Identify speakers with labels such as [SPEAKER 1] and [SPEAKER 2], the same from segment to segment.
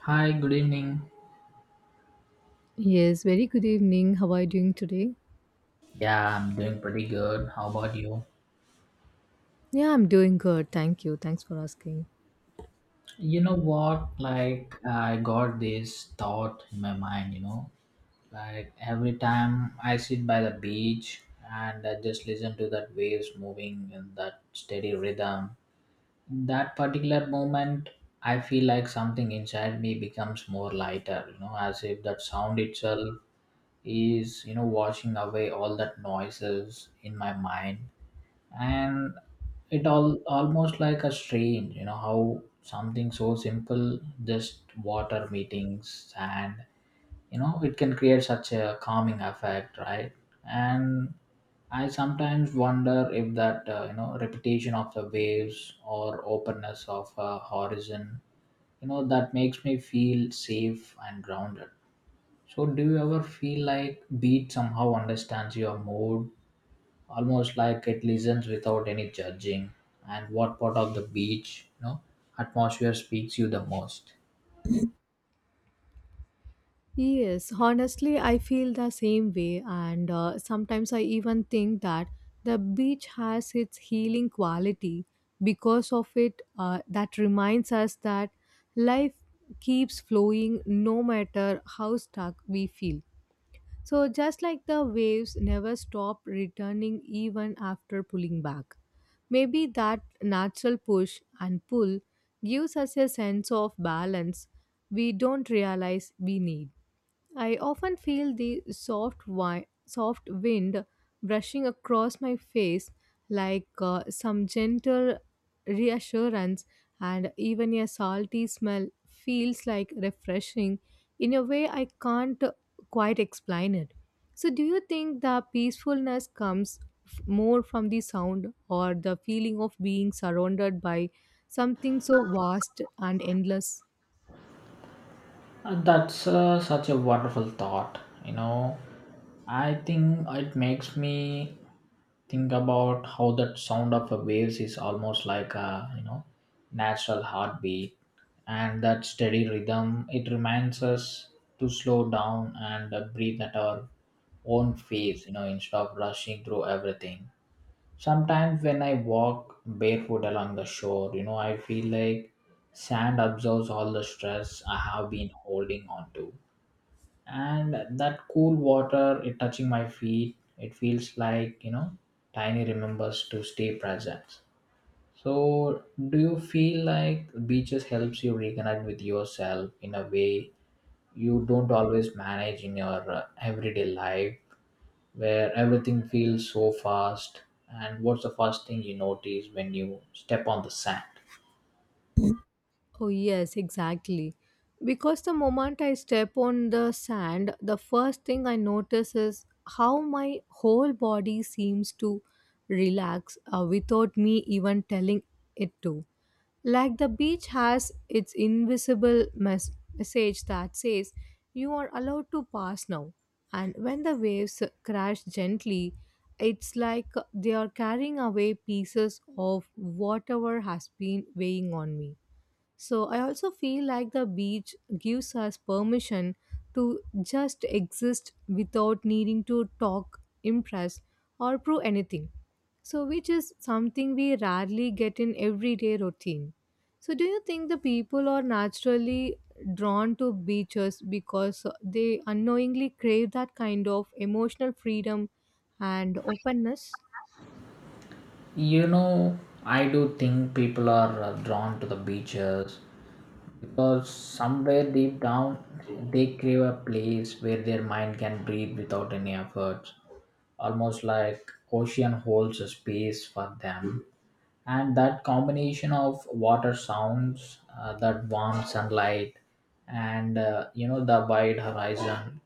[SPEAKER 1] Hi, good evening.
[SPEAKER 2] Yes, very good evening. How are you doing today?
[SPEAKER 1] Yeah, I'm doing pretty good. How about you?
[SPEAKER 2] Yeah, I'm doing good. Thank you. Thanks for asking.
[SPEAKER 1] You know what? I got this thought in my mind, like every time I sit by the beach and I just listen to that waves moving in that steady rhythm, that particular moment, I feel like something inside me becomes more lighter, as if that sound itself is washing away all that noises in my mind and it all almost like a strange how something so simple just water meetings and it can create such a calming effect, right? And I sometimes wonder if that repetition of the waves or openness of a horizon, that makes me feel safe and grounded. So do you ever feel like beat somehow understands your mood, almost like it listens without any judging? And what part of the beach, atmosphere speaks you the most?
[SPEAKER 2] Yes, honestly, I feel the same way, and sometimes I even think that the beach has its healing quality because of it. That reminds us that life keeps flowing no matter how stuck we feel. So, just like the waves never stop returning even after pulling back, maybe that natural push and pull gives us a sense of balance we don't realize we need. I often feel the soft wind brushing across my face like some gentle reassurance, and even a salty smell feels like refreshing in a way I can't quite explain it. So, do you think the peacefulness comes more from the sound or the feeling of being surrounded by something so vast and endless?
[SPEAKER 1] And that's such a wonderful thought. I think it makes me think about how that sound of a waves is almost like a, you know natural heartbeat, and that steady rhythm it reminds us to slow down and breathe at our own pace, instead of rushing through everything. Sometimes when I walk barefoot along the shore, I feel like sand absorbs all the stress I have been holding on to. And that cool water, it touching my feet, it feels like, tiny remembers to stay present. So, do you feel like beaches helps you reconnect with yourself in a way you don't always manage in your everyday life? Where everything feels so fast. And what's the first thing you notice when you step on the sand?
[SPEAKER 2] Oh, yes, exactly. Because the moment I step on the sand, the first thing I notice is how my whole body seems to relax without me even telling it to. Like the beach has its invisible message that says, "You are allowed to pass now." And when the waves crash gently, it's like they are carrying away pieces of whatever has been weighing on me, so I also feel like the beach gives us permission to just exist without needing to talk, impress, or prove anything. So, which is something we rarely get in everyday routine. So, do you think the people are naturally drawn to beaches because they unknowingly crave that kind of emotional freedom and openness?
[SPEAKER 1] You know, I do think people are drawn to the beaches because somewhere deep down they crave a place where their mind can breathe without any effort. Almost like ocean holds a space for them, and that combination of water sounds, that warm sunlight and the wide horizon,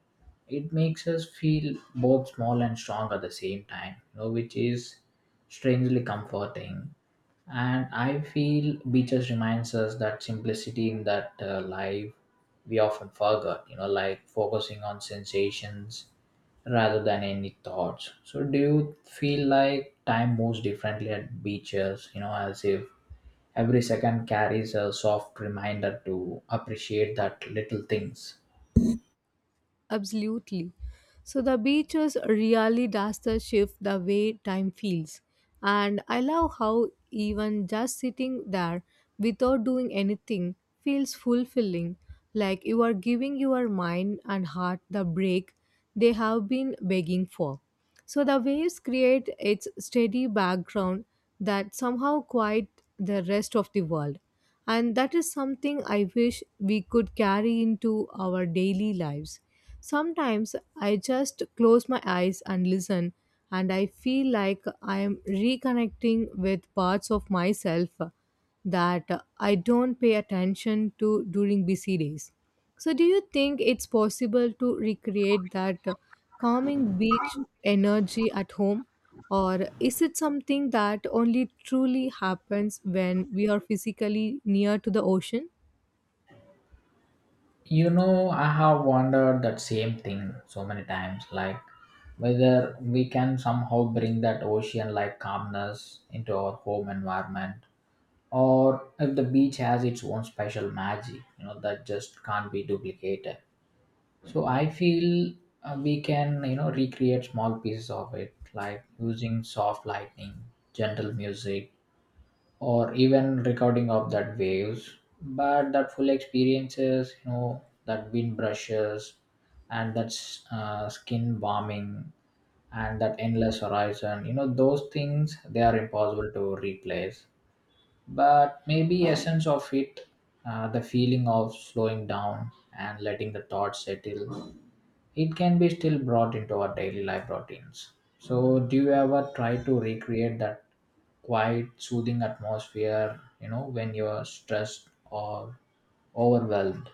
[SPEAKER 1] it makes us feel both small and strong at the same time, which is strangely comforting. And I feel beaches reminds us that simplicity in that life we often forget, like focusing on sensations rather than any thoughts. So, do you feel like time moves differently at beaches, as if every second carries a soft reminder to appreciate that little things?
[SPEAKER 2] Absolutely. So the beaches really does the shift the way time feels. And I love how even just sitting there without doing anything feels fulfilling, like you are giving your mind and heart the break they have been begging for. So the waves create its steady background that somehow quiet the rest of the world. And that is something I wish we could carry into our daily lives. Sometimes I just close my eyes and listen, and I feel like I am reconnecting with parts of myself that I don't pay attention to during busy days. So, do you think it's possible to recreate that calming beach energy at home? Or is it something that only truly happens when we are physically near to the ocean?
[SPEAKER 1] You know, I have wondered that same thing so many times, like whether we can somehow bring that ocean like calmness into our home environment or if the beach has its own special magic, that just can't be duplicated. So I feel we can, recreate small pieces of it, like using soft lighting, gentle music, or even recording of that waves. But that full experiences, that wind brushes, and that skin warming, and that endless horizon, those things they are impossible to replace. But maybe essence of it, the feeling of slowing down and letting the thoughts settle, it can be still brought into our daily life routines. So, do you ever try to recreate that quiet, soothing atmosphere, when you're stressed or overwhelmed?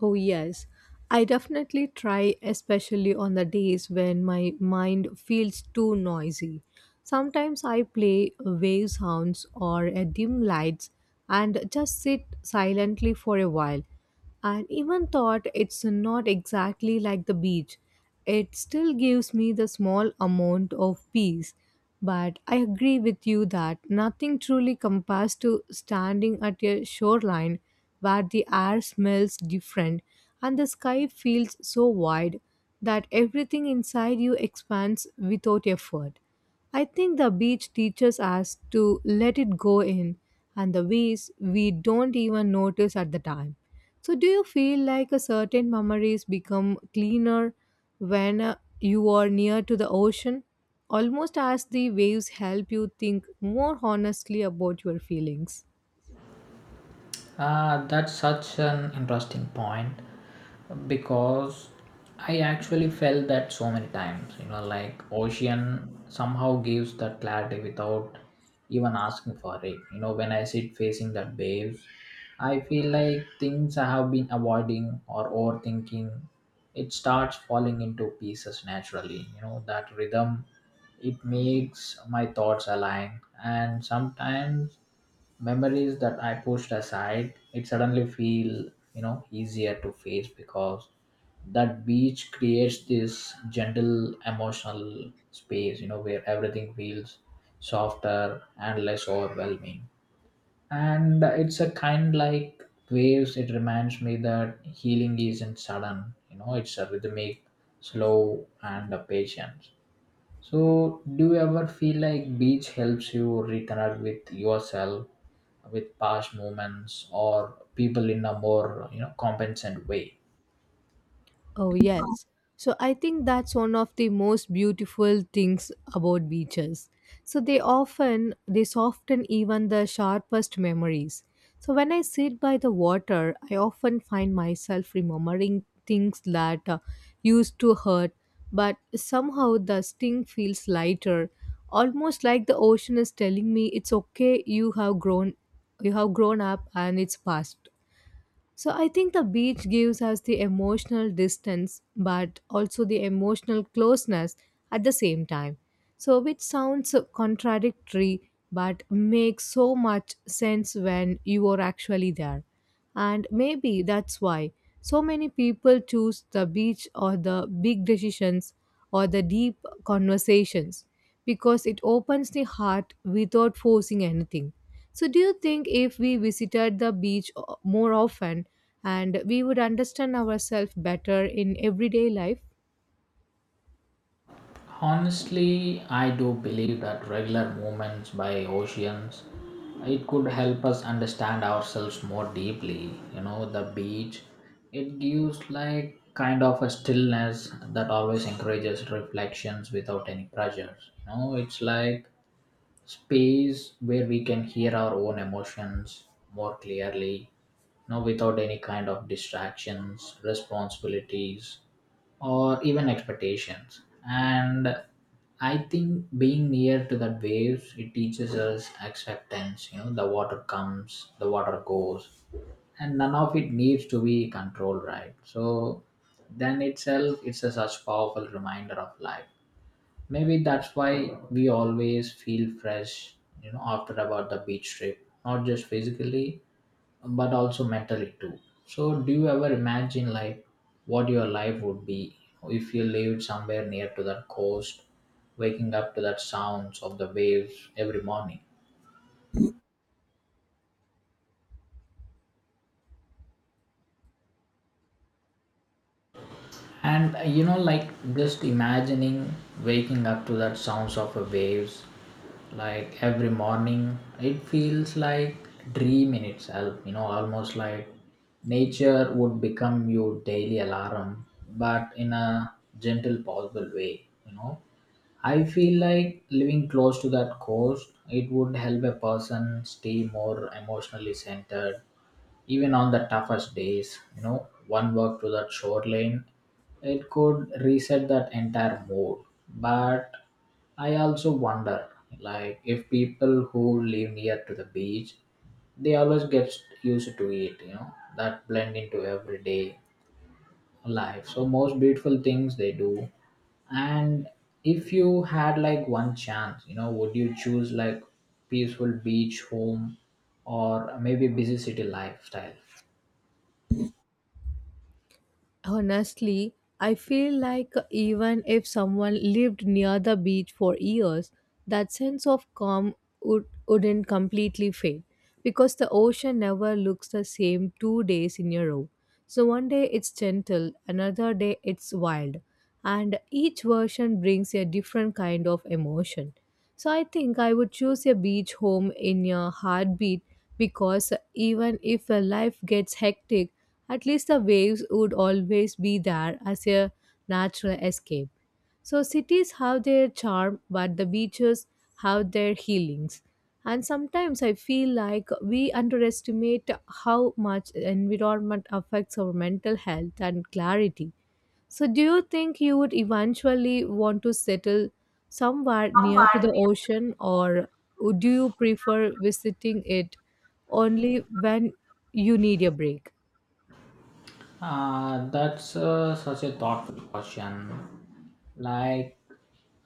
[SPEAKER 2] Oh, yes. I definitely try, especially on the days when my mind feels too noisy. Sometimes I play wave sounds or a dim lights and just sit silently for a while. And even though it's not exactly like the beach, it still gives me the small amount of peace. But I agree with you that nothing truly compares to standing at a shoreline where the air smells different and the sky feels so wide that everything inside you expands without effort. I think the beach teaches us to let it go in and the ways we don't even notice at the time. So, do you feel like a certain memories become cleaner when you are near to the ocean, almost as the waves help you think more honestly about your feelings?
[SPEAKER 1] That's such an interesting point because I actually felt that so many times. You know, like ocean somehow gives that clarity without even asking for it. You know, when I sit facing that waves, I feel like things I have been avoiding or overthinking, it starts falling into pieces naturally. You know, that rhythm it makes my thoughts align, and sometimes memories that I pushed aside, it suddenly feel easier to face because that beach creates this gentle emotional space, where everything feels softer and less overwhelming. And it's a kind like waves it reminds me that healing isn't sudden, it's a rhythmic, slow and a patient. So, do you ever feel like beach helps you reconnect with yourself, with past moments, or people in a more compensant way?
[SPEAKER 2] Oh, yes. So I think that's one of the most beautiful things about beaches. So they often they soften even the sharpest memories. So when I sit by the water, I often find myself remembering things that used to hurt, but somehow the sting feels lighter, almost like the ocean is telling me, "It's okay, you have grown up and it's past." So I think the beach gives us the emotional distance, but also the emotional closeness at the same time. So which sounds contradictory, but makes so much sense when you are actually there. And maybe that's why so many people choose the beach or the big decisions or the deep conversations because it opens the heart without forcing anything. So, do you think if we visited the beach more often, and we would understand ourselves better in everyday life?
[SPEAKER 1] Honestly, I do believe that regular movements by oceans it could help us understand ourselves more deeply. You know, the beach it gives like kind of a stillness that always encourages reflections without any pressures. You know, it's like space where we can hear our own emotions more clearly, without any kind of distractions, responsibilities or even expectations. And I think being near to that waves it teaches us acceptance. The water comes, the water goes, and none of it needs to be controlled, right? So then itself it's a such powerful reminder of life. Maybe that's why we always feel fresh, after about the beach trip, not just physically, but also mentally too. So, do you ever imagine like what your life would be if you lived somewhere near to that coast, waking up to that sounds of the waves every morning? And like just imagining waking up to that sounds of a waves, like every morning, it feels like dream in itself. You know, almost like nature would become your daily alarm, but in a gentle, possible way. You know, I feel like living close to that coast, it would help a person stay more emotionally centered even on the toughest days, one walk to that shoreline, it could reset that entire mood. But I also wonder, like, if people who live near to the beach, they always get used to it, that blend into everyday life. So most beautiful things they do. And if you had like one chance, would you choose like peaceful beach home or maybe busy city lifestyle?
[SPEAKER 2] Honestly, I feel like even if someone lived near the beach for years, that sense of calm wouldn't completely fade because the ocean never looks the same 2 days in a row. So, one day it's gentle, another day it's wild, and each version brings a different kind of emotion. So I think I would choose a beach home in a heartbeat because even if a life gets hectic, at least the waves would always be there as a natural escape. So cities have their charm, but the beaches have their healings. And sometimes I feel like we underestimate how much environment affects our mental health and clarity. So, do you think you would eventually want to settle somewhere near to the ocean, or do you prefer visiting it only when you need a break?
[SPEAKER 1] That's such a thoughtful question. Like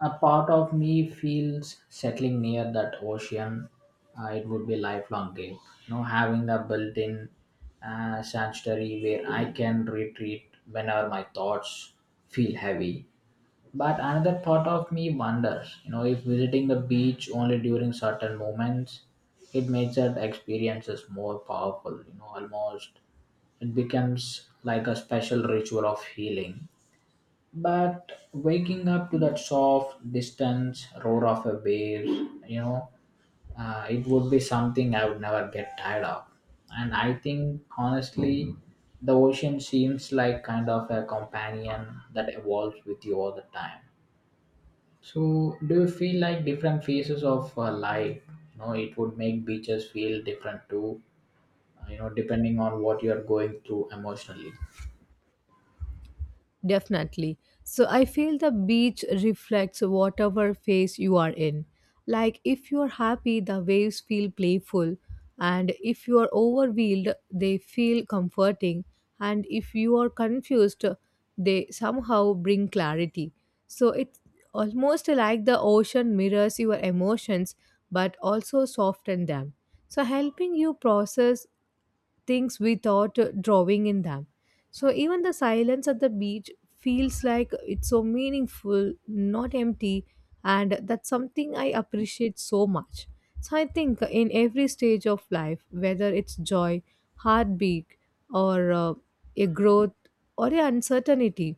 [SPEAKER 1] a part of me feels settling near that ocean, it would be lifelong game. You know, having the built-in sanctuary where I can retreat whenever my thoughts feel heavy. But another part of me wonders, if visiting the beach only during certain moments, it makes that experiences more powerful. You know, almost it becomes like a special ritual of healing. But waking up to that soft, distant roar of a wave, you know, it would be something I would never get tired of. And I think, honestly, the ocean seems like kind of a companion that evolves with you all the time. So, do you feel like different phases of life? You know, it would make beaches feel different too. You know, depending on what you are going through emotionally.
[SPEAKER 2] Definitely. So I feel the beach reflects whatever phase you are in. Like if you're happy, the waves feel playful, and if you are overwhelmed, they feel comforting, and if you are confused, they somehow bring clarity. So it's almost like the ocean mirrors your emotions but also soften them. So helping you process things without drawing in them. So even the silence at the beach feels like it's so meaningful, not empty, and that's something I appreciate so much. So I think in every stage of life, whether it's joy, heartbeat, or a growth or a uncertainty,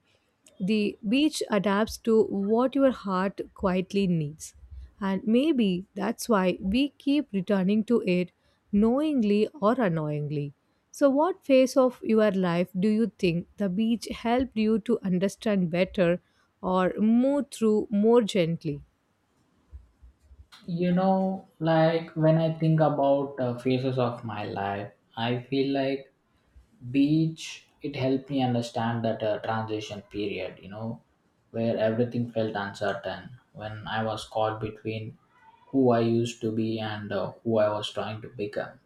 [SPEAKER 2] the beach adapts to what your heart quietly needs. And maybe that's why we keep returning to it, knowingly or unknowingly. So, what phase of your life do you think the beach helped you to understand better or move through more gently?
[SPEAKER 1] You know, like when I think about phases of my life, I feel like beach, it helped me understand that transition period, where everything felt uncertain when I was caught between who I used to be and who I was trying to become.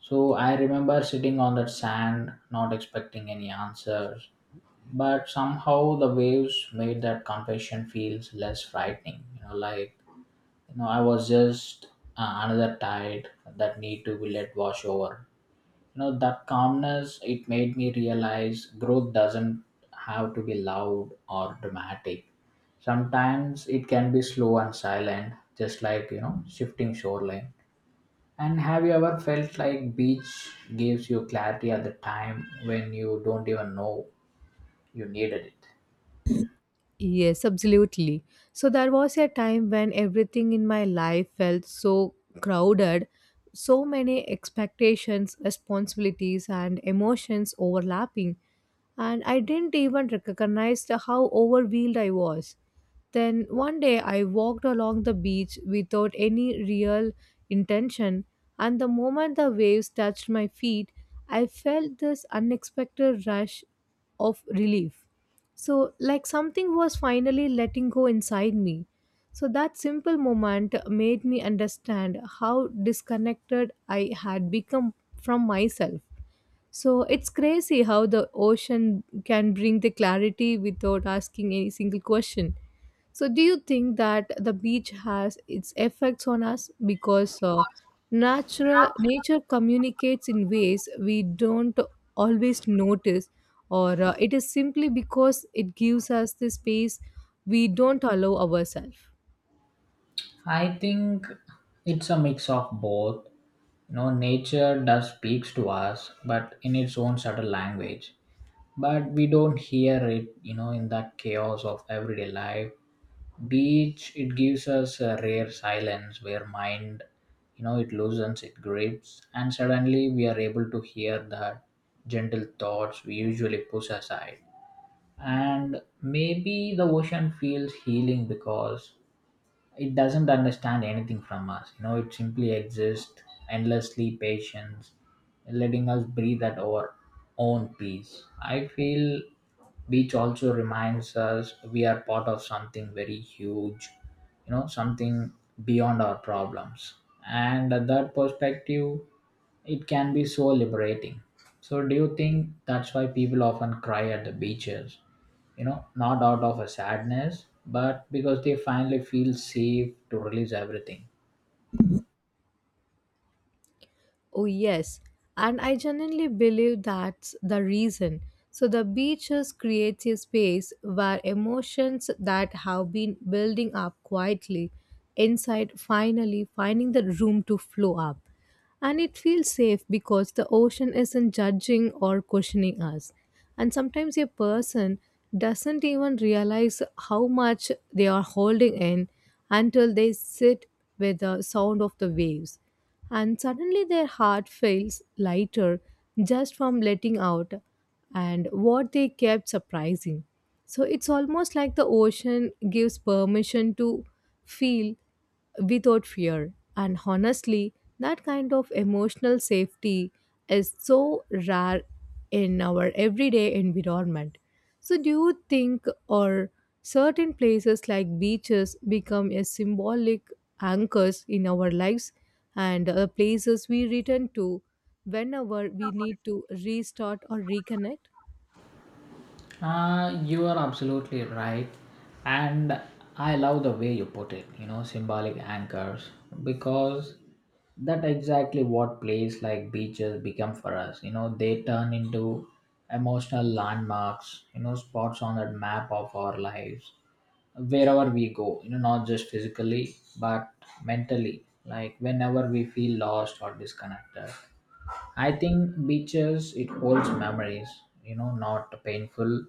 [SPEAKER 1] So I remember sitting on that sand, not expecting any answers, but somehow the waves made that confession feels less frightening, I was just another tide that need to be let wash over. That calmness it made me realize growth doesn't have to be loud or dramatic. Sometimes it can be slow and silent, just like, shifting shoreline. And have you ever felt like beach gives you clarity at the time when you don't even know you needed it?
[SPEAKER 2] Yes, absolutely. So there was a time when everything in my life felt so crowded, so many expectations, responsibilities, and emotions overlapping, and I didn't even recognize the how overwhelmed I was. Then one day I walked along the beach without any real intention, and the moment the waves touched my feet, I felt this unexpected rush of relief. So, like something was finally letting go inside me. So that simple moment made me understand how disconnected I had become from myself. So it's crazy how the ocean can bring the clarity without asking any single question. So do you think that the beach has its effects on us because natural nature communicates in ways we don't always notice, or it is simply because it gives us the space we don't allow ourselves?
[SPEAKER 1] I think it's a mix of both. No, nature does speaks to us, but in its own subtle language. But we don't hear it, in that chaos of everyday life. Beach, it gives us a rare silence where mind, it loosens its grips, and suddenly we are able to hear the gentle thoughts we usually push aside. And maybe the ocean feels healing because it doesn't understand anything from us. It simply exists, endlessly patient, letting us breathe at our own pace. I feel beach also reminds us we are part of something very huge, something beyond our problems, and that perspective it can be so liberating. So do you think that's why people often cry at the beaches, not out of a sadness but because they finally feel safe to release everything?
[SPEAKER 2] Oh, yes. And I genuinely believe that's the reason. So, the beaches creates a space where emotions that have been building up quietly inside finally finding the room to flow up. And it feels safe because the ocean isn't judging or questioning us. And sometimes a person doesn't even realize how much they are holding in until they sit with the sound of the waves, and suddenly their heart feels lighter just from letting out and what they kept surprising. So it's almost like the ocean gives permission to feel without fear, and honestly, that kind of emotional safety is so rare in our everyday environment. So, do you think or certain places like beaches become a symbolic anchors in our lives and places we return to whenever we need to restart or reconnect?
[SPEAKER 1] Uh, you are absolutely right. And I love the way you put it, symbolic anchors, because that exactly what place like beaches become for us. They turn into emotional landmarks, spots on that map of our lives wherever we go, not just physically but mentally, like whenever we feel lost or disconnected. I think beaches it holds memories, not painful,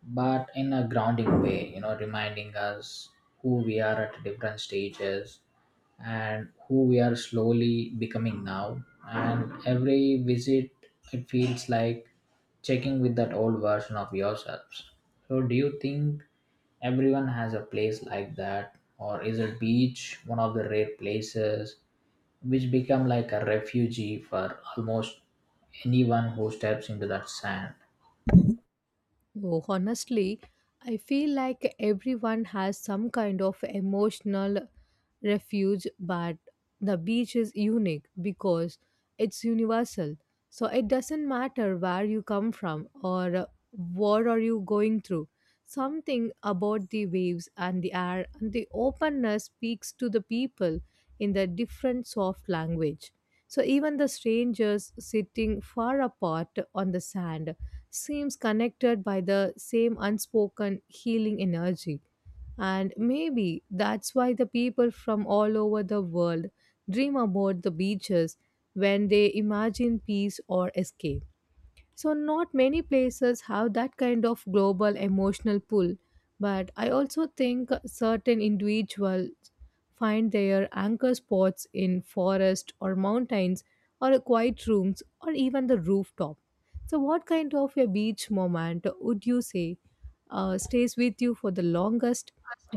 [SPEAKER 1] but in a grounding way, reminding us who we are at different stages and who we are slowly becoming now. And every visit it feels like checking with that old version of yourselves. So do you think everyone has a place like that, or is a beach one of the rare places which become like a refugee for almost anyone who steps into that sand?
[SPEAKER 2] Oh, honestly, I feel like everyone has some kind of emotional refuge, but the beach is unique because it's universal. So it doesn't matter where you come from or what are you going through. Something about the waves and the air and the openness speaks to the people in the different soft language. So even the strangers sitting far apart on the sand seems connected by the same unspoken healing energy. And maybe that's why the people from all over the world dream about the beaches when they imagine peace or escape. So, not many places have that kind of global emotional pull, but I also think certain individuals find their anchor spots in forest or mountains or quiet rooms or even the rooftop. So, what kind of a beach moment would you say stays with you for the longest,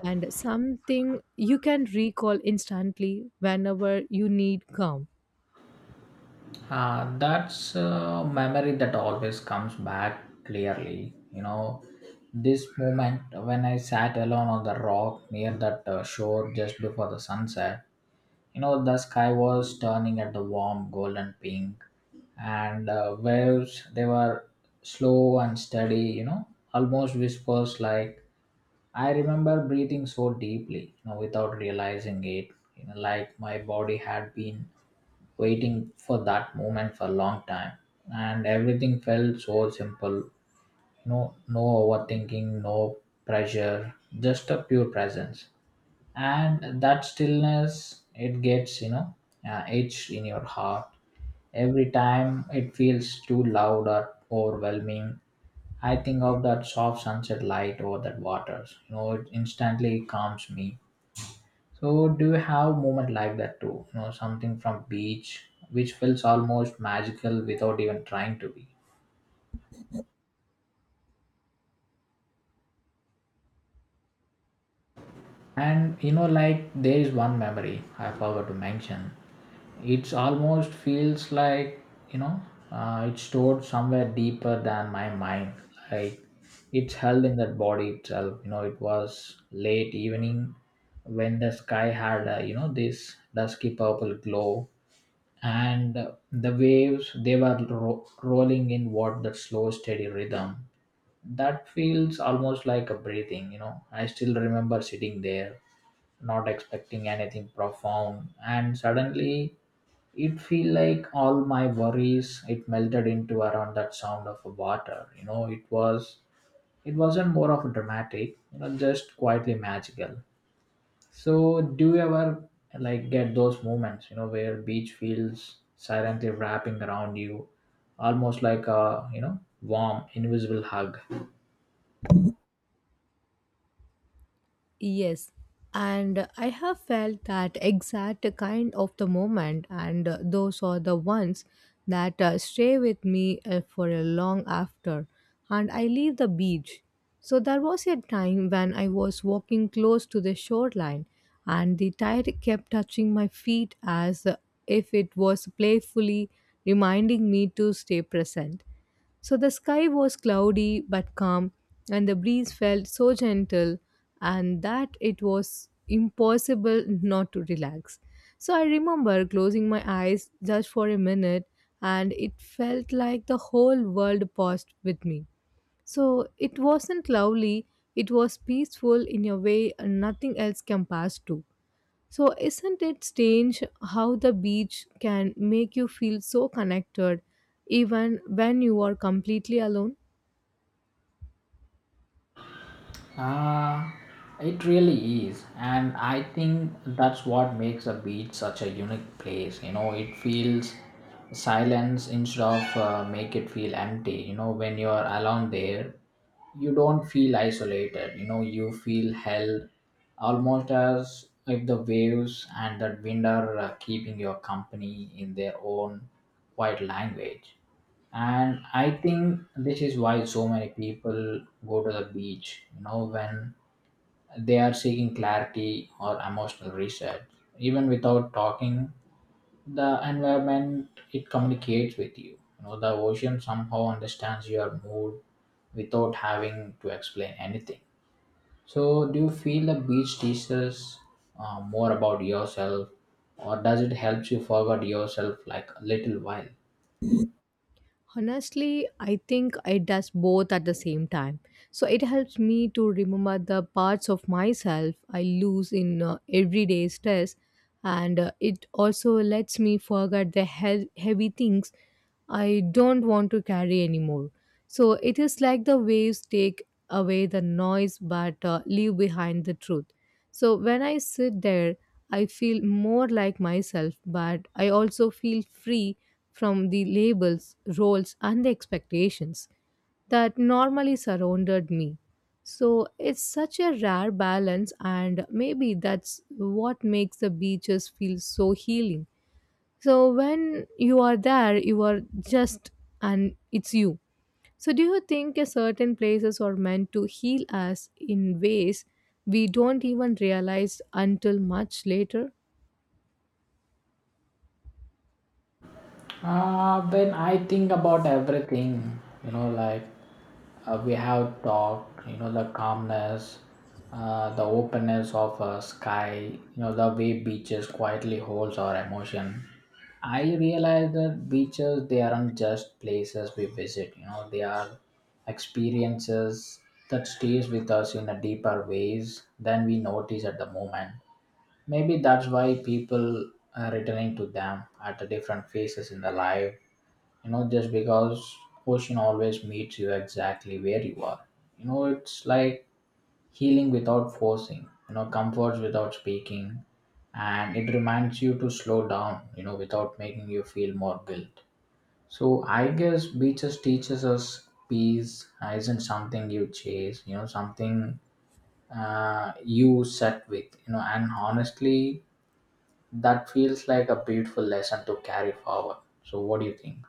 [SPEAKER 2] and something you can recall instantly whenever you need calm?
[SPEAKER 1] That's a memory that always comes back clearly. You know, this moment when I sat alone on the rock near that shore just before the sunset, you know, the sky was turning at the warm golden pink, and waves, they were slow and steady, you know, almost whispers like. I remember breathing so deeply, you know, without realizing it, you know, like my body had been waiting for that moment for a long time, and everything felt so simple. You know, no overthinking, no pressure, just a pure presence, and that stillness it gets, you know, etched in your heart. Every time it feels too loud or overwhelming, I think of that soft sunset light over that waters. You know, it instantly calms me. So, do you have moment like that too? You know, something from beach which feels almost magical without even trying to be. And you know, like there is one memory I forgot to mention. It's almost feels like, you know, it's stored somewhere deeper than my mind. Like, it's held in that body itself. You know, it was late evening when the sky had, you know, this dusky purple glow, and the waves, they were rolling in what that slow steady rhythm. That feels almost like a breathing. You know, I still remember sitting there not expecting anything profound, and suddenly it feel like all my worries it melted into around that sound of water. You know, it was, it wasn't more of a dramatic, you know, just quietly magical. So, do you ever like get those moments, you know, where beach feels silently wrapping around you, almost like a, you know, warm invisible hug?
[SPEAKER 2] Yes. And I have felt that exact kind of the moment, and those are the ones that stay with me for a long after. And I leave the beach. So there was a time when I was walking close to the shoreline, and the tide kept touching my feet as if it was playfully reminding me to stay present. So the sky was cloudy but calm, and the breeze felt so gentle, and that it was impossible not to relax. So I remember closing my eyes just for a minute, and it felt like the whole world paused with me. So it wasn't lovely, it was peaceful in a way nothing else can pass to. So, isn't it strange how the beach can make you feel so connected even when you are completely alone?
[SPEAKER 1] Uh, it really is, and I think that's what makes a beach such a unique place. You know, it feels silence instead of make it feel empty. You know, when you're alone there, you don't feel isolated. You know, you feel held, almost as if the waves and that wind are keeping your company in their own quiet language. And I think this is why so many people go to the beach, you know, when they are seeking clarity or emotional reset, even without talking. The environment, it communicates with you. You know, the ocean somehow understands your mood without having to explain anything. So do you feel the beach teaches more about yourself, or does it help you forget yourself like a little while?
[SPEAKER 2] Honestly, I think it does both at the same time. So it helps me to remember the parts of myself I lose in everyday stress, and it also lets me forget the heavy things I don't want to carry anymore. So it is like the waves take away the noise but leave behind the truth. So when I sit there, I feel more like myself, but I also feel free from the labels, roles, and the expectations that normally surrounded me. So it's such a rare balance, and maybe that's what makes the beaches feel so healing. So when you are there, you are just and it's you. So do you think a certain places are meant to heal us in ways we don't even realize until much later?
[SPEAKER 1] When I think about everything, you know, like, we have talked, you know, the calmness, the openness of a sky, you know, the way beaches quietly holds our emotion. I realize that beaches, they aren't just places we visit, you know, they are experiences that stays with us in a deeper ways than we notice at the moment. Maybe that's why people are returning to them at the different phases in their life. You know, just because ocean always meets you exactly where you are. You know, it's like healing without forcing. You know, comforts without speaking, and it reminds you to slow down. You know, without making you feel more guilt. So I guess beaches teaches us peace isn't something you chase. You know, something you set with. You know, and honestly that feels like a beautiful lesson to carry forward. So what do you think?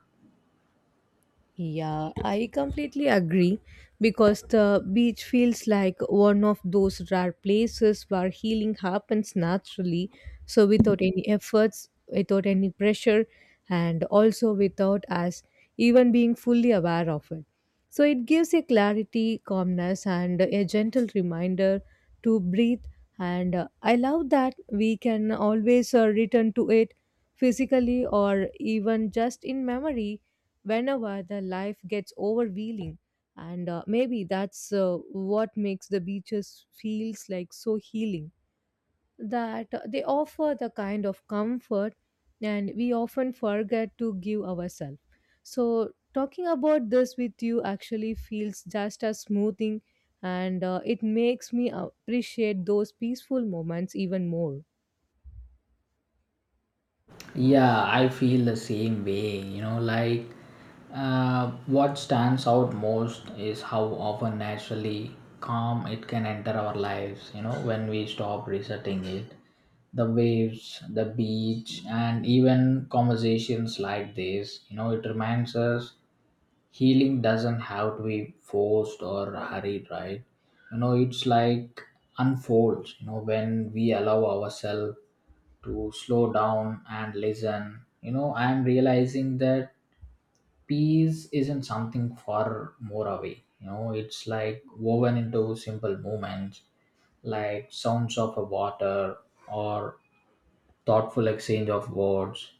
[SPEAKER 2] Yeah, I completely agree because the beach feels like one of those rare places where healing happens naturally, so without any efforts, without any pressure, and also without us even being fully aware of it. So it gives a clarity, calmness, and a gentle reminder to breathe. And I love that we can always return to it physically or even just in memory whenever the life gets overwhelming. And maybe that's what makes the beaches feels like so healing, that they offer the kind of comfort and we often forget to give ourselves. So talking about this with you actually feels just as smoothing, and it makes me appreciate those peaceful moments even more.
[SPEAKER 1] Yeah, I feel the same way. You know, like, what stands out most is how often naturally calm it can enter our lives, you know, when we stop resetting it. The waves, the beach, and even conversations like this, you know, it reminds us healing doesn't have to be forced or hurried, right? You know, it's like unfolds, you know, when we allow ourselves to slow down and listen. You know, I'm realizing that peace isn't something far more away. You know, it's like woven into simple moments, like sounds of a water or thoughtful exchange of words.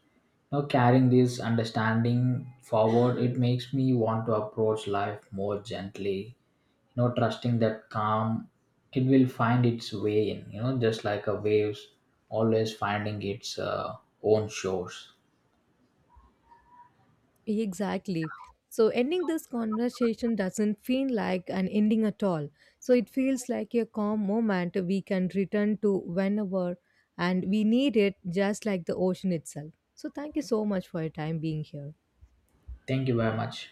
[SPEAKER 1] Now, carrying this understanding forward, it makes me want to approach life more gently, you know, trusting that calm, it will find its way in, you know, just like a waves always finding its own shores.
[SPEAKER 2] Exactly. So, ending this conversation doesn't feel like an ending at all. So, it feels like a calm moment we can return to whenever and we need it, just like the ocean itself. So, thank you so much for your time being here.
[SPEAKER 1] Thank you very much.